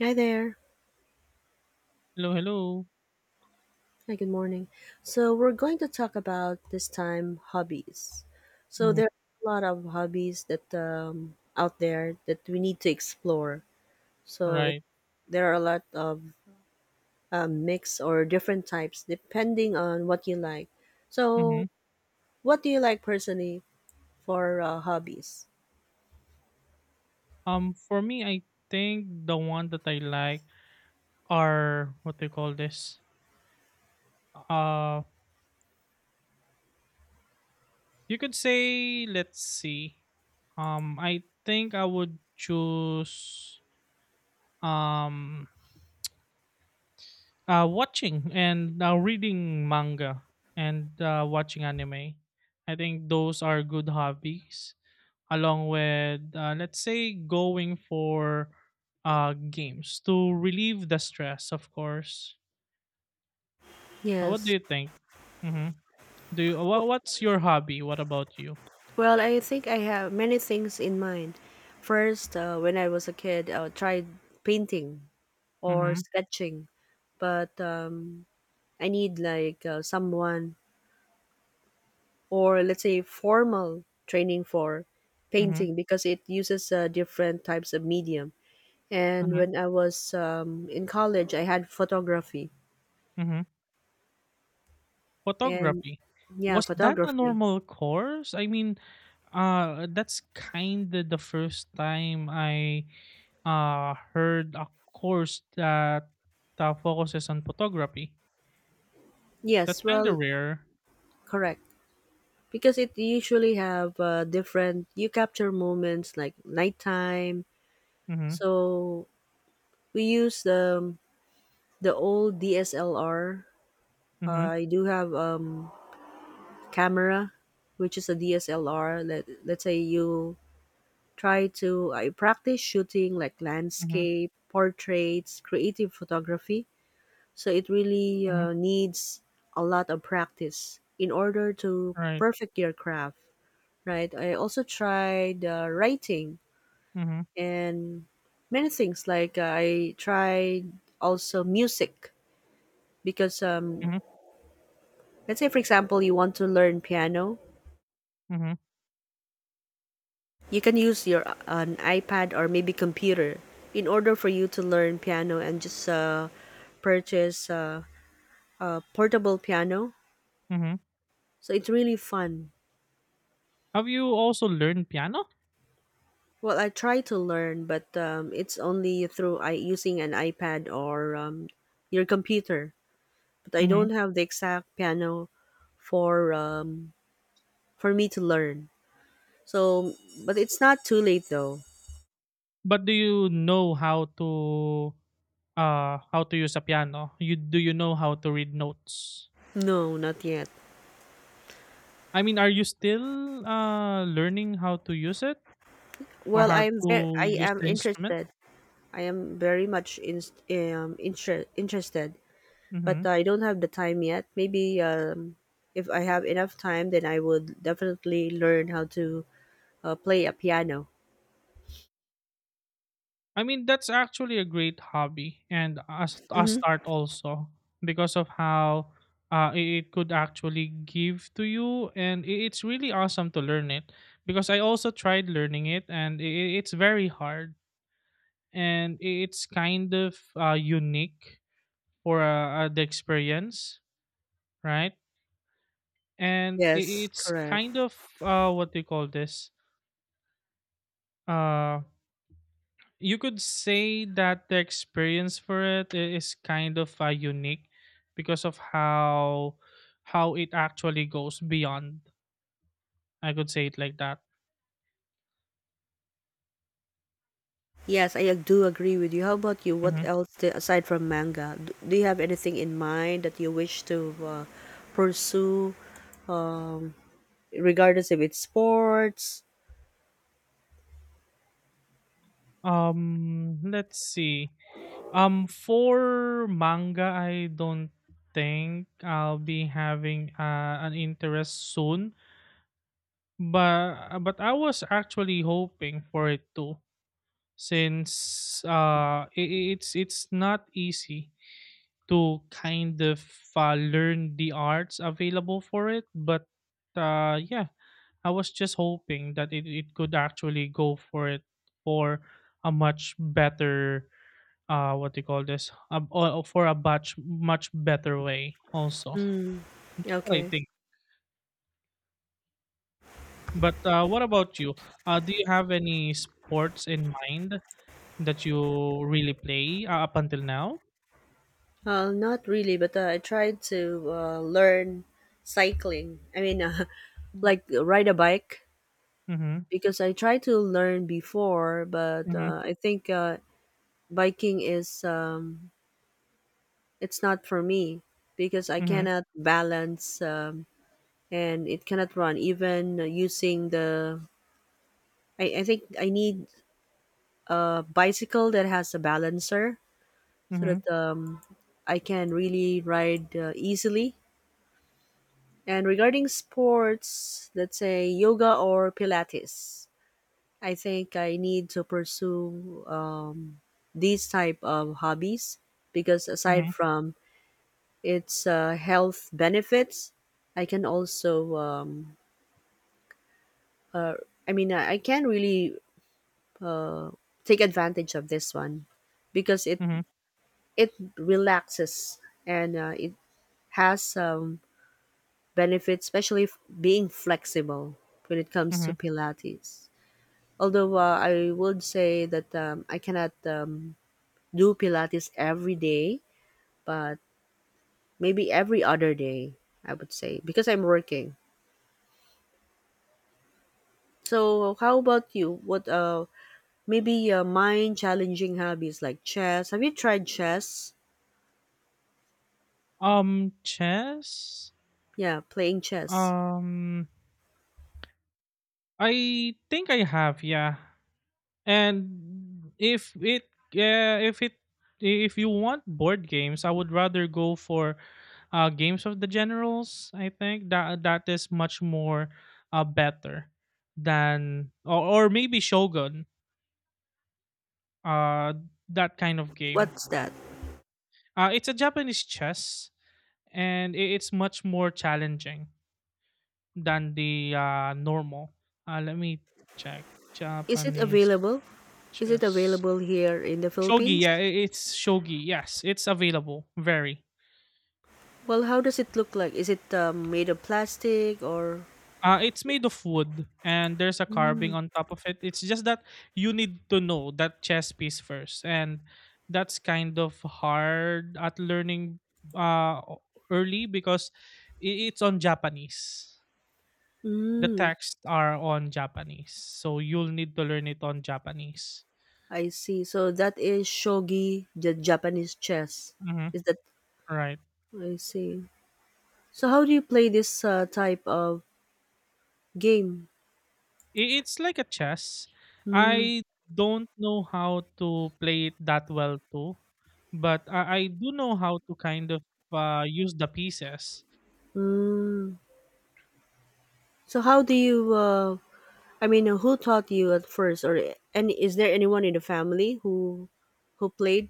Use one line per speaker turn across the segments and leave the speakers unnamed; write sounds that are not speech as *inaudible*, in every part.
Hi there.
Hello, hello.
Hi, good morning. So, we're going to talk about this time hobbies. So,
Mhm.
there are a lot of hobbies that out there that we need to explore. So, it,
Right.
there are a lot of mix or different types depending on what you like. So,
Hmm.
what do you like personally for hobbies?
For me, I think the one that I like are what do you call this? Uh, you could say. Let's see. I think I would choose um watching and reading manga and watching anime. I think those are good hobbies along with let's say going for games to relieve the stress of course. What
Yes.
do you think? Mm-hmm. do you wha
W-
What's your hobby? What about you?
Well, I think I have many things in mind. First, when I was a kid, I tried painting. Or
Mm-hmm.
sketching, but I need like someone or let's say formal training for
Mm-hmm.
painting because it uses different types of medium. And
Mm-hmm.
when I was in college, I had photography
Mm-hmm.
and
Photography.
yeah,
Was that a
photography.
normal course? I mean, that's kind of the first time I heard a course that focuses on photography.
Yes,
That's kind of
well,
rare.
correct. Because it usually have different you capture moments like nighttime.
Mm-hmm.
So we use the old DSLR.
Mm-hmm.
I do have camera, which is a DSLR. Let's say you try to I practice shooting like
Mm-hmm.
landscape, portraits, creative photography. So it really
Mm-hmm.
needs a lot of practice in order to
Right.
perfect your craft, right? I also tried writing
Mhm.
and many things like I tried also music because
Mhm.
let's say for example you want to learn piano.
Mhm.
You can use your an iPad or maybe computer in order for you to learn piano and just purchase a portable piano.
Mhm.
So it's really fun.
Have you also learned piano?
Well, I try to learn, but it's only through I using an iPad or your computer. But I
Mhm.
don't have the exact piano for um, for me to learn. So, but it's not too late though.
But do you know how to use a piano? You Do you know how to read notes?
No, not yet.
I mean, are you still learning how to use it or
Well,
how
I'm very
to
I
use
am
the instrument?
interested. I am very much in, interested, but
Mhm.
I don't have the time yet. Maybe if I have enough time, then I would definitely learn how to play a piano.
I mean, that's actually a great hobby and a
Hmm.
start also, because of how it could actually give to you. And it's really awesome to learn it because I also tried learning it, and it's very hard, and it's kind of unique for the experience, right? And
Yes,
it's
correct.
kind of what do you call this? Uh, you could say that the experience for it is kind of unique because of how it actually goes beyond, I could say it like that.
Yes, do agree with you. How about you? What
Mhm.
else aside from manga? Do you have anything in mind that you wish to pursue, um, regardless if it's sports?
um let's see. For manga, I don't think I'll be having an interest soon, but I was actually hoping for it too, since it's not easy to kind of learn the arts available for it. But yeah, I was just hoping that it could actually go for it for a much better what do you call this, or for a much better way also,
Mm,
what I
okay.
think. But what about you? Do you have any sports in mind that you really play up until now?
Not really, but I tried to learn cycling. I mean, *laughs* like ride a bike
Mm-hmm.
because I tried to learn before, but
Mm-hmm.
I think biking is it's not for me because I
Mm-hmm.
cannot balance and it cannot run even using the. I think I need a bicycle that has a balancer so
Mm-hmm.
that I can really ride easily. And regarding sports, let's say yoga or Pilates, I think I need to pursue these type of hobbies because aside
Mm-hmm.
from its health benefits, I can also, uh, I mean, I can really take advantage of this one because it relaxes and it has benefits, especially being flexible when it comes to
Mm-hmm.
Pilates. Although I would say that I cannot do Pilates every day, but maybe every other day, I would say, because I'm working. So, how about you? What maybe mind challenging hobbies like chess? Have you tried chess?
Chess?
Yeah, playing chess.
Um, I think I have, yeah. And if it, yeah, if you want board games, I would rather go for games of the generals. I think that that is much more better than, or maybe Shogun. Uh, that kind of game.
What's that?
It's a Japanese chess, and it's much more challenging than the normal. Let me check.
Is it
Japanese
available? Is it
chess.
available here in the
Shogi,
Philippines?
yeah, it's shogi. Yes, it's available. Very.
Well, how does it look like? Is it made of plastic or?
It's made of wood, and there's a
Mm.
carving on top of it. It's just that you need to know that chess piece first, and that's kind of hard at learning uh o- early, because it's on Japanese. The
Mm.
texts are on Japanese, so you'll need to learn it on Japanese.
I see. So that is shogi, the Japanese chess.
Mm-hmm.
Is that
Right.
I see. So how do you play this type of game?
It's like a chess.
Mm,
I don't know how to play it that well too, but I do know how to kind of use the pieces.
mm. So how do you I mean who taught you at first or and is there anyone in the family who played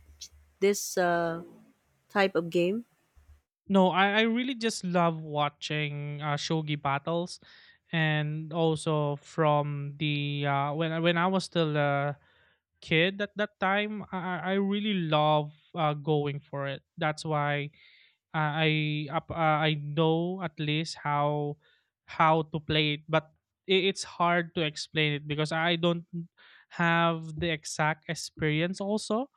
this type of game?
No, I really just love watching shogi battles, and also from the when I was still a kid at that time, I really love going for it. That's why Uh, I I know at least how to play it, but it's hard to explain it because I don't have the exact experience also,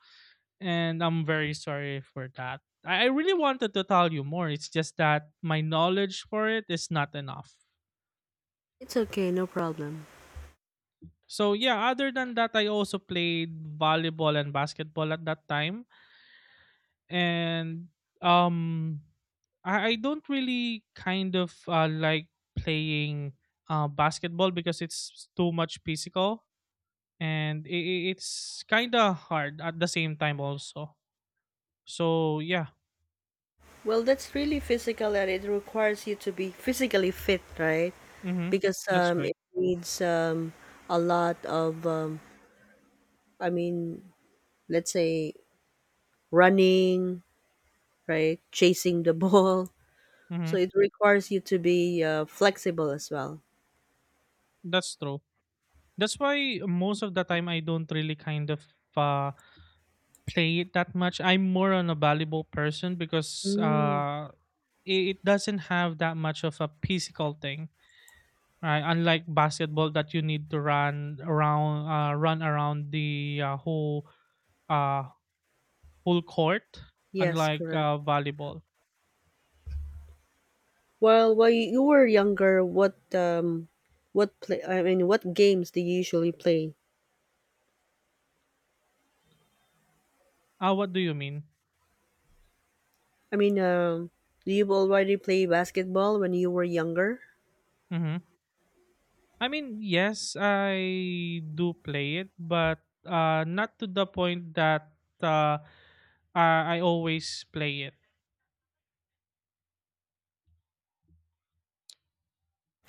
and I'm very sorry for that. I really wanted to tell you more. It's just that my knowledge for it is not enough.
It's okay, no problem.
So yeah, other than that, I also played volleyball and basketball at that time. And um I don't really kind of like playing basketball, because it's too much physical, and it's kind of hard at the same time also, so yeah.
Well, that's really physical, and it requires you to be physically fit, right?
Mm-hmm.
Because
That's right.
it needs a lot of I mean, let's say running, right? Chasing the *laughs* ball.
Mm-hmm.
So it requires you to be flexible as well.
That's true. That's why most of the time I don't really kind of uh, play it that much. I'm more on a volleyball person, because
Mm,
it doesn't have that much of a physical thing. Right, unlike basketball, that you need to run around the uh, whole court.
yes,
Unlike
correct.
volleyball.
Well, while you were younger, what play? I mean, what games do you usually play?
Ah, what do you mean?
I mean, do you already play basketball when you were younger?
Mm-hmm. I mean, yes, I do play it, but not to the point that I always play it.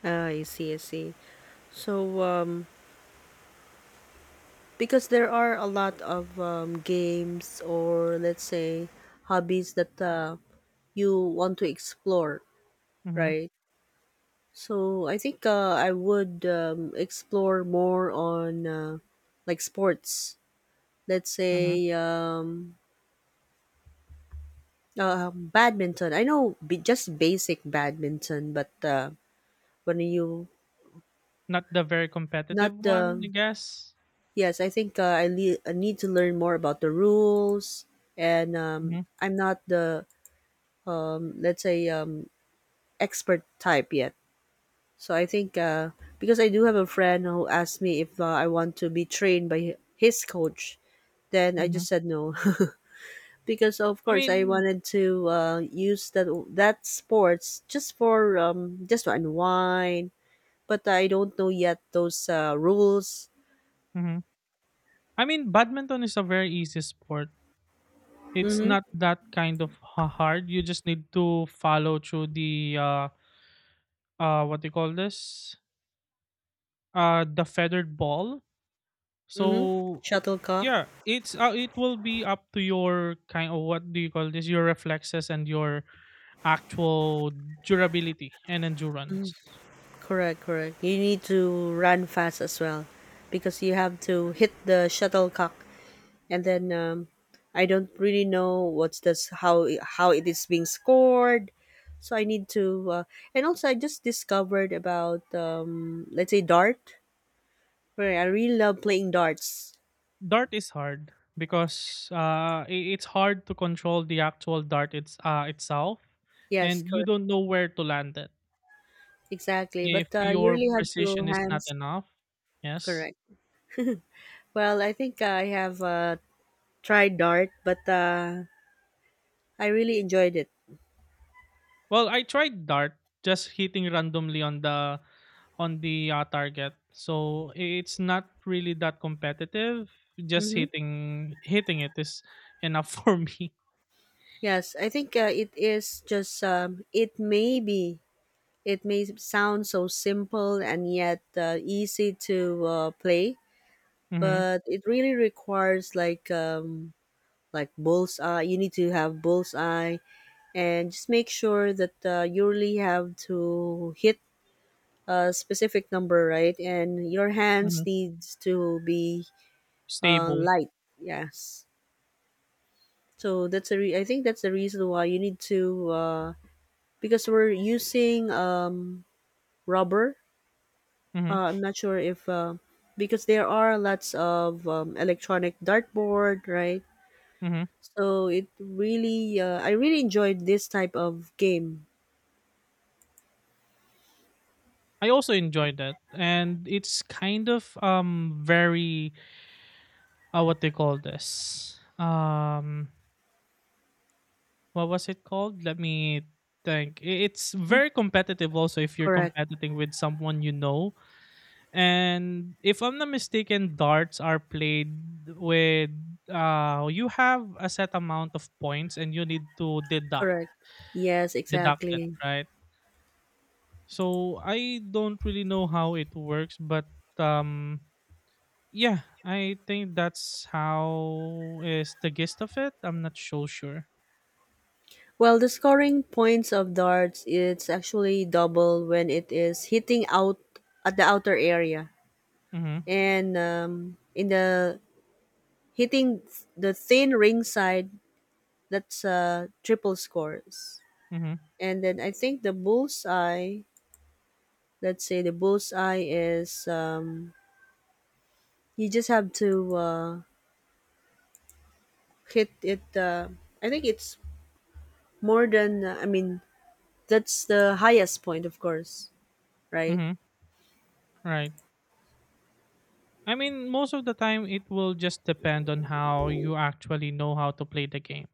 Ah, I see, I see. So, because there are a lot of games or let's say hobbies that you want to explore,
Mhm.
right? So I think I would explore more on like sports. Let's
Mhm.
say badminton. Just basic badminton, but when you
Not the very
not
competitive one,
the
I guess.
yes, I think I need to learn more about the rules, and
Mhm.
I'm not the let's say expert type yet. So I think because I do have a friend who asked me if I want to be trained by his coach, then I
Mhm.
just said no. *laughs* Because of
I
course I
mean,
wanted to use that that sports just for just to unwind, but I don't know yet those rules.
mhm. I mean, badminton is a very easy sport. It's
Mm-hmm.
not that kind of ha hard. You just need to follow through the, what they call this, the feathered ball,
Mm-hmm.
so
Shuttlecock.
yeah, it will be up to your kind of what do you call this, your reflexes and your actual durability and endurance.
Correct, correct. You need to run fast as well because you have to hit the shuttlecock and then I don't really know what's this how it is being scored. So I need to, and also I just discovered about let's say dart. Right, I really love playing darts.
Dart is hard, because it's hard to control the actual dart it's itself,
Yes,
and you
correct,
don't know where to land it
exactly. But
if
you
your
really have to
precision is not
hands
enough. Yes.
correct. Well, I think I have tried dart, but I really enjoyed it.
Well, I tried dart, just hitting randomly on the target. So it's not really that competitive. Just
Mm-hmm.
hitting it is enough *laughs* for me.
Yes, I think it is just it may be it may sound so simple and yet easy to play,
Hmm.
but it really requires like bullseye. You need to have bullseye and just make sure that you really have to hit a specific number, right? And your hands
Hmm.
needs to be
Stable.
light. Yes. So that's a I think that's the reason why you need to because we're using rubber.
Hmm.
I'm not sure if because there are lots of electronic dartboard, right?
Hmm.
So it really, I really enjoyed this type of game.
I also enjoyed that, and it's kind of very what they call this, what was it called? Let me think. It's
Mm,
very competitive. Also, if you're
correct,
competing with someone you know. And if I'm not mistaken, darts are played with you have a set amount of points, and you need to
correct. Yes,
deduct it,
exactly.
right? So I don't really know how it works, but um yeah, I think that's how is the gist of it. I'm not so sure.
Well, the scoring points of darts it's actually double when it is hitting out at the outer area,
Mhm.
and in the hitting the thin ring side, that's triple scores.
Mhm.
And then I think the bullseye let's say the bullseye is you just have to hit it I think it's more than I mean, that's the highest point of course, right?
Mhm. Right. I mean, most of the time it will just depend on how you actually know how to play the game,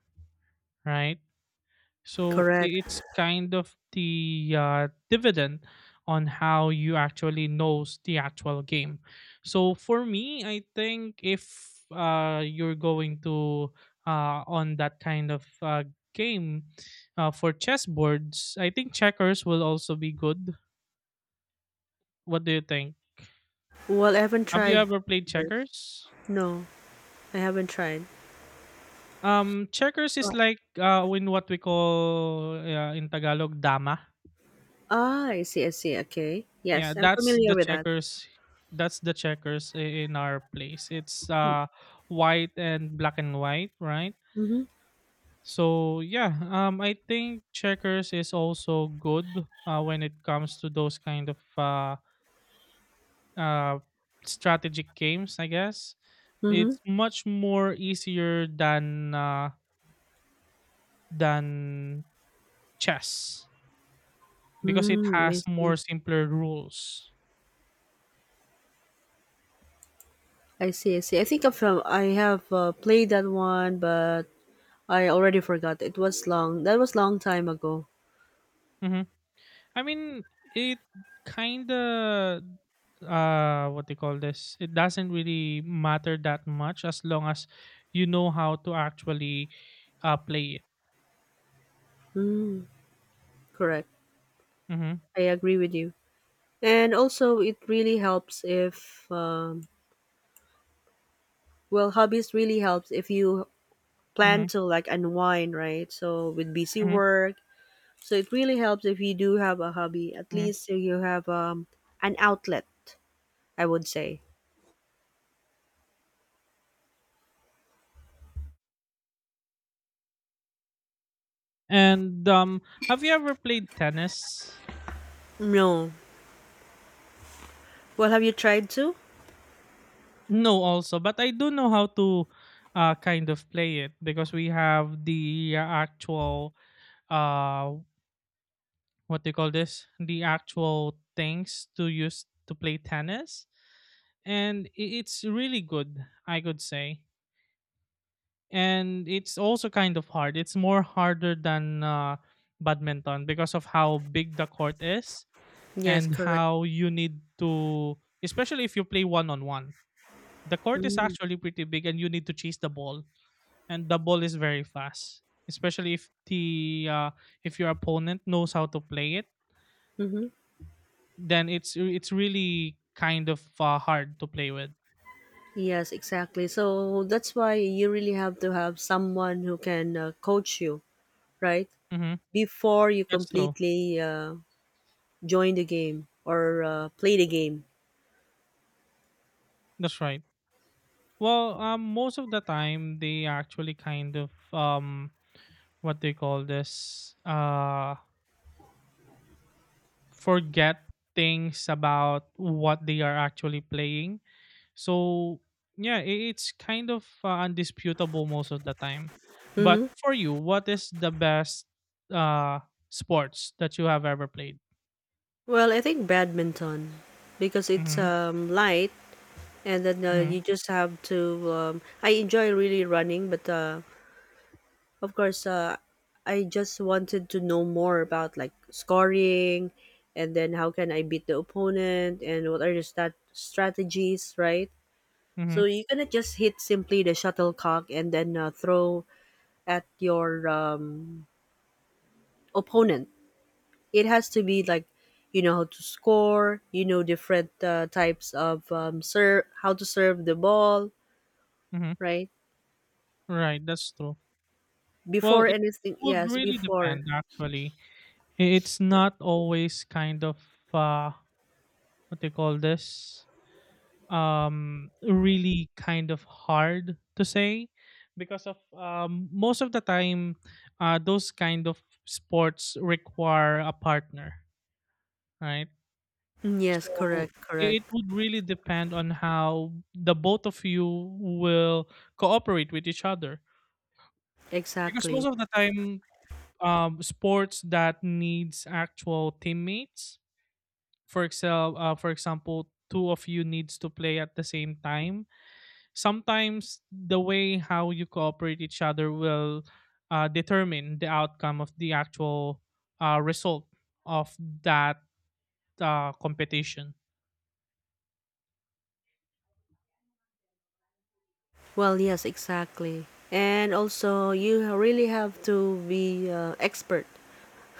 right? So
Correct.
it's kind of the dividend on how you actually knows the actual game. So for me, I think if you're going to on that kind of game for chessboards, I think checkers will also be good. What do you think?
Well, I haven't
Have you
tried
ever played
first.
checkers?
No, I haven't tried.
Checkers is
Oh,
like in what we call in Tagalog, dama.
ah, I see, I see, okay,
Yeah,
yes, I'm
that's
familiar
the
with that.
checkers. That's the checkers in our place. It's white and black and white, right?
Mm-hmm.
So yeah, I think checkers is also good when it comes to those kind of uh, strategic games. I guess
Mm-hmm.
it's much more easier than than chess, because it
Mm, I
has more
see.
simpler rules.
I see. I think I have played that one, but I already forgot. It was long that was long time ago.
Mm-hmm. I mean, it kind of what they call this, it doesn't really matter that much, as long as you know how to actually play it.
Correct.
Hmm.
I agree with you. And also, it really helps if, well, hobbies really helps if you plan
Hmm.
to like unwind, right? So with busy
Hmm.
work, so it really helps if you do have a hobby. At
Hmm.
least you have an outlet, I would say.
And have you ever played tennis?
No. Well, have you tried to?
No also, but I do know how to kind of play it, because we have the actual uh what they call this, the actual things to use to play tennis, and it's really good, I could say. And it's also kind of hard. It's more harder than badminton, because of how big the court is,
Yes,
and
correct.
how you need to, especially if you play one on one, the court is
Mm-hmm.
actually pretty big, and you need to chase the ball, and the ball is very fast, especially if your opponent knows how to play it, then it's really kind of hard to play with.
Yes, exactly. So that's why you really have to have someone who can coach you, right?
Hmm.
Before you
That's true.
completely join the game or played a game?
That's right. Well, most of the time they actually kind of what they call this, forget things about what they are actually playing. So yeah, it's kind of undisputable most of the time. But
Mm-hmm.
for you, what is the best uh sports that you have ever played?
Well, I think badminton because it's
Mm-hmm.
light and then
Mm-hmm.
you just have to. I enjoy really running, but of course, I just wanted to know more about like scoring, and then how can I beat the opponent, and what are the strategies, right?
Mm-hmm.
So you cannot just hit simply the shuttlecock and then throw at your opponent. It has to be like you know how to score, you know different types of serve, how to serve the ball,
Mm-hmm.
right?
Right, that's true. Well,
Before
it
anything,
would
yes,
really
before.
depend actually. It's not always kind of uh what they call this, really kind of hard to say, because of most of the time those kind of sports require a partner, right?
Mm, yes,
So
correct, correct.
it would really depend on how the both of you will cooperate with each other, because most
Exactly.
of the time, sports that needs actual teammates. For example, two of you needs to play at the same time. Sometimes the way how you cooperate each other will determine the outcome of the actual result of that competition.
Well, yes, exactly. And also you really have to be expert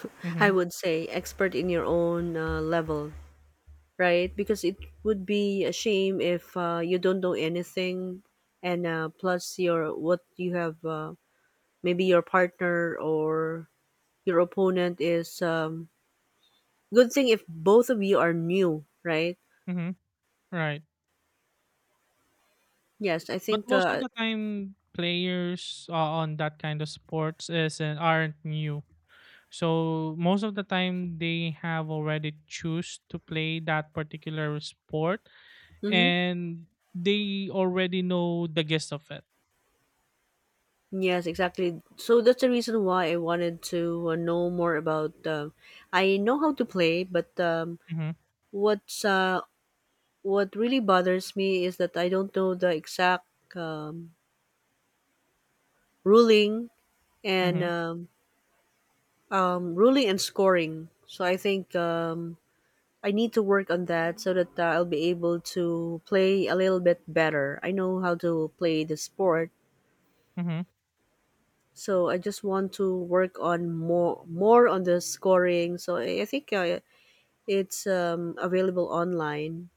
*laughs* I
Mm-hmm.
would say expert in your own level, right? Because it would be a shame if you don't know anything, and plus your what you have maybe your partner or your opponent is good thing if both of you are new, right?
Mm-hmm. Right.
Yes, I
But
think
most of the time, players on that kind of sports isn't aren't new. So most of the time, they have already choose to play that particular sport,
mhm.
and they already know the gist of it.
Yes, exactly, so that's the reason why I wanted to know more about I know how to play, but
Hmm.
what's what really bothers me is that I don't know the exact um, ruling and
Hmm.
ruling and scoring, so I think I need to work on that so that I'll be able to play a little bit better. I know how to play the sport,
Hmm.
so I just want to work on more on the scoring. So I think it's available online,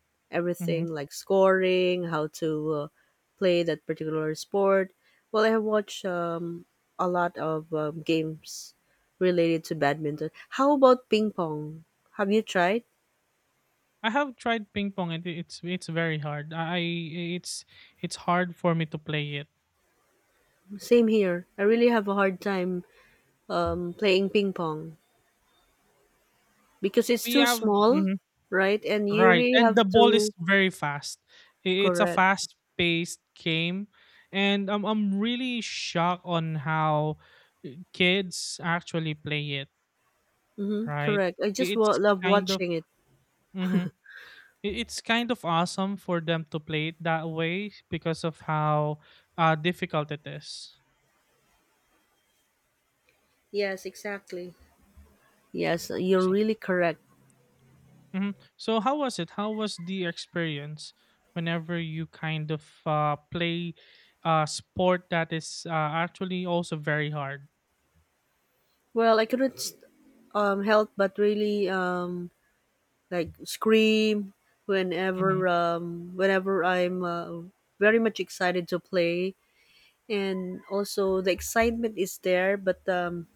Hmm.
everything like scoring, how to play that particular sport. Well, I have watched a lot of games related to badminton. How about ping pong? Have you tried?
I have tried ping pong, and it's very hard. I it's hard for me to play it.
Same here. I really have a hard time playing ping pong because it's
We
too
have.
small,
Mhm.
right? And you
Right,
really
and
have
the ball is
to
very fast. It's a
correct.
fast-paced game, and I'm really shocked on how kids actually play it.
Hmm,
Right,
correct. I just
it's
love
kind of
watching it.
hmm it's kind of awesome for them to play it that way because of how difficult it is.
Yes, exactly. Yes, you're
So,
really correct.
mhm, so how was it? How was the experience whenever you kind of play a sport that is actually also very hard?
Well, I couldn't help but really like scream
Mhm,
whenever whenever I'm very much excited to play, and also the excitement is there, but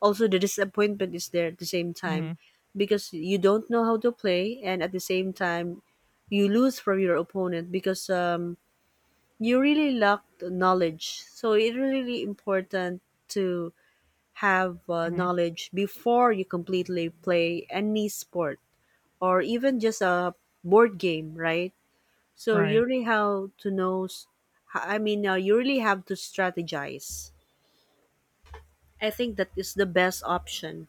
also the disappointment is there at the same time
mhm,
because you don't know how to play and at the same time you lose from your opponent because you really lack knowledge, so it's really really important to have
mhm,
knowledge before you completely play any sport or even just a board game, right? So you
right.
really have to know you really have to strategize. I think that is the best option.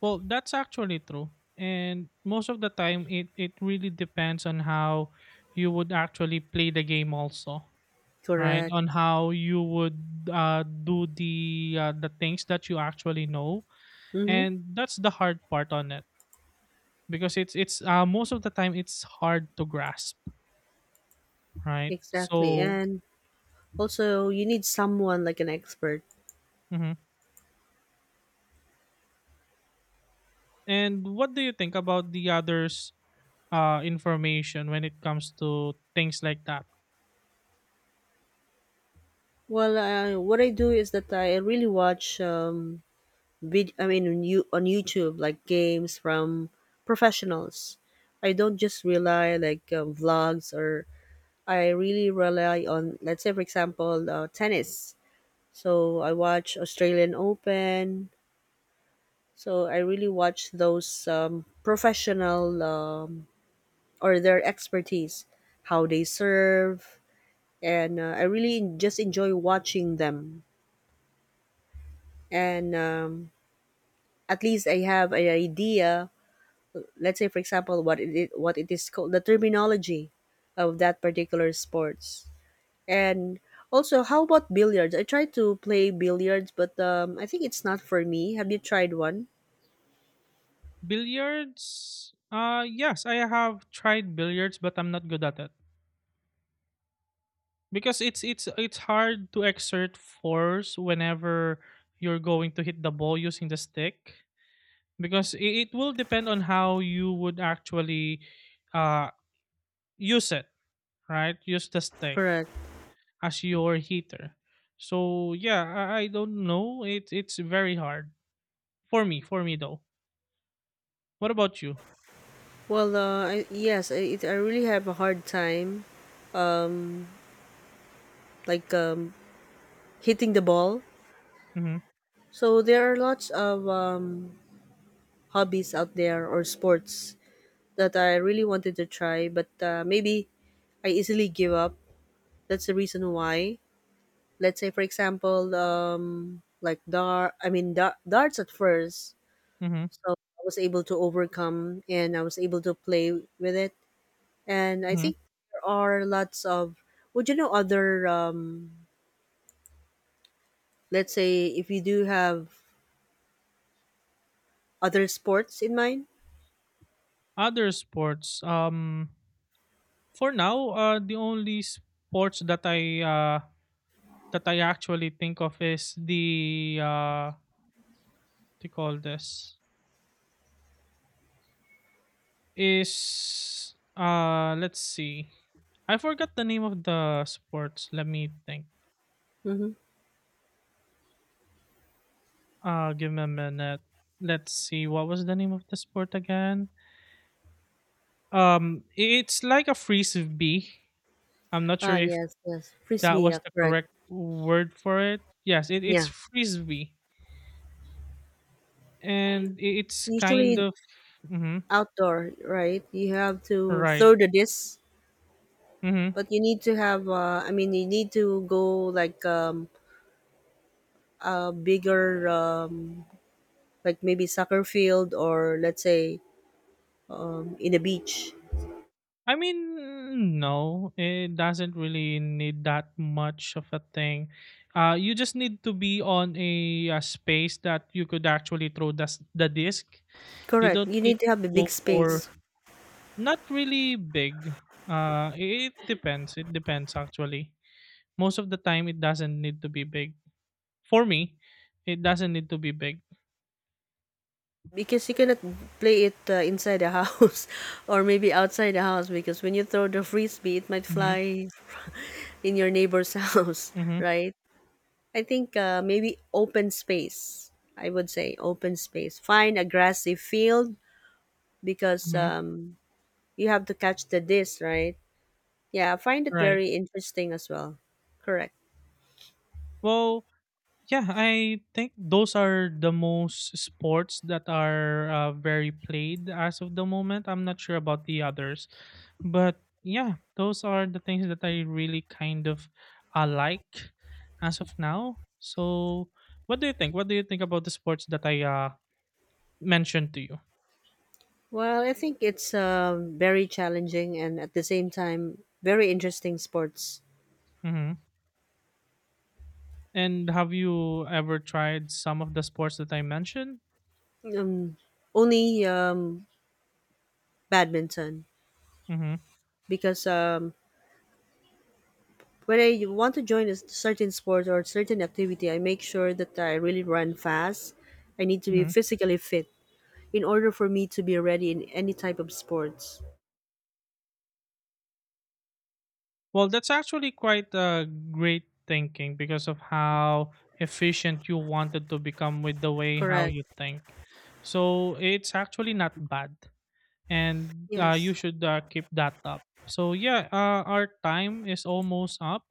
Well, that's actually true. And most of the time it really depends on how you would actually play the game also, right?
Correct.
On how you would do the things that you actually know.
Mm-hmm.
And that's the hard part on it because it's most of the time it's hard to grasp, right?
Exactly.
So,
And also, you need someone like an expert.
mhm, and what do you think about the others information when it comes to things like that?
Well, what I do is that I really watch on, on YouTube, like games from professionals. I don't just rely like vlogs, or I really rely on, let's say for example, tennis. So I watch Australian Open. So I really watch those professional or their expertise, how they serve, and I really just enjoy watching them. And at least I have an idea. Let's say, for example, what what it is called, the terminology of that particular sports. And also, how about billiards? I tried to play billiards, but I think it's not for me. Have you tried one?
Billiards? Yes, I have tried billiards, but I'm not good at it. Because it's hard to exert force whenever you're going to hit the ball using the stick because it will depend on how you would actually uh use it, right? Use the stick
Correct.
as your hitter. So yeah, I don't know. It's very hard for me, though. What about you?
Well, yes, I really have a hard time like hitting the ball.
Mhm.
So there are lots of hobbies out there or sports that I really wanted to try, but maybe I easily give up. That's the reason why. Let's say, for example, like dart. I mean, darts at first,
Mhm.
so I was able to overcome and I was able to play with it. And I
Mhm.
think there are lots of. Would you know other? Let's say if you do have other sports in mind.
Other sports, um, for now, the only sports that I actually think of is the what do you call this, is let's see, I forgot the name of the sports. Let me think.
Mm-hmm.
Give me a minute. Let's see. What was the name of the sport again? It's like a frisbee. I'm not
Ah,
sure if
yes, yes,
that
frisbee.
was
Yeah,
the
correct.
correct word for it. Yes, it's
Yeah,
frisbee, and it's kind
usually
of. Mhm.
outdoor, right? You have to
Right.
throw the disc,
Mm-hmm.
but you need to have. I mean, you need to go like a bigger, like maybe soccer field, or let's say in a beach.
I mean, no, it doesn't really need that much of a thing. You just need to be on a, space that you could actually throw the the disc. You
Correct.
don't
You
need
need to have
to
a
go
big
for
space
not really big. It depends. It depends actually. Most of the time, it doesn't need to be big. For me, it doesn't need to be big.
because you cannot play it inside the house *laughs* or maybe outside the house, because when you throw the frisbee, it might
Mm-hmm.
fly *laughs* in your neighbor's *laughs* house,
Mm-hmm.
right? I think maybe open space. I would say open space. Find a grassy field because
Mm-hmm.
you have to catch the disc, right? Yeah, I find it
Right.
very interesting as well. Correct.
Well, yeah, I think those are the most sports that are very played as of the moment. I'm not sure about the others, but yeah, those are the things that I really kind of like as of now. So, what do you think? What do you think about the sports that I mentioned to you?
Well, I think it's very challenging and at the same time very interesting sports.
Hmm. And have you ever tried some of the sports that I mentioned?
Um, only badminton,
Mm-hmm.
because when I want to join a certain sport or certain activity, I make sure that I really run fast. I need to be
Mm-hmm.
physically fit in order for me to be ready in any type of sports.
Well, that's actually quite great thinking because of how efficient you wanted to become with the way how
Correct.
you think. So it's actually not bad, and you
Yes.
should keep that up. So yeah, our time is almost up,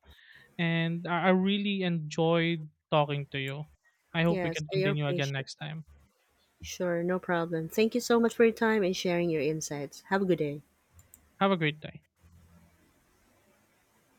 and I really enjoyed talking to you. I hope we
Yes,
can
I
continue again
appreciate.
next time.
Sure, no problem. Thank you so much for your time and sharing your insights. Have a good day.
Have a great day.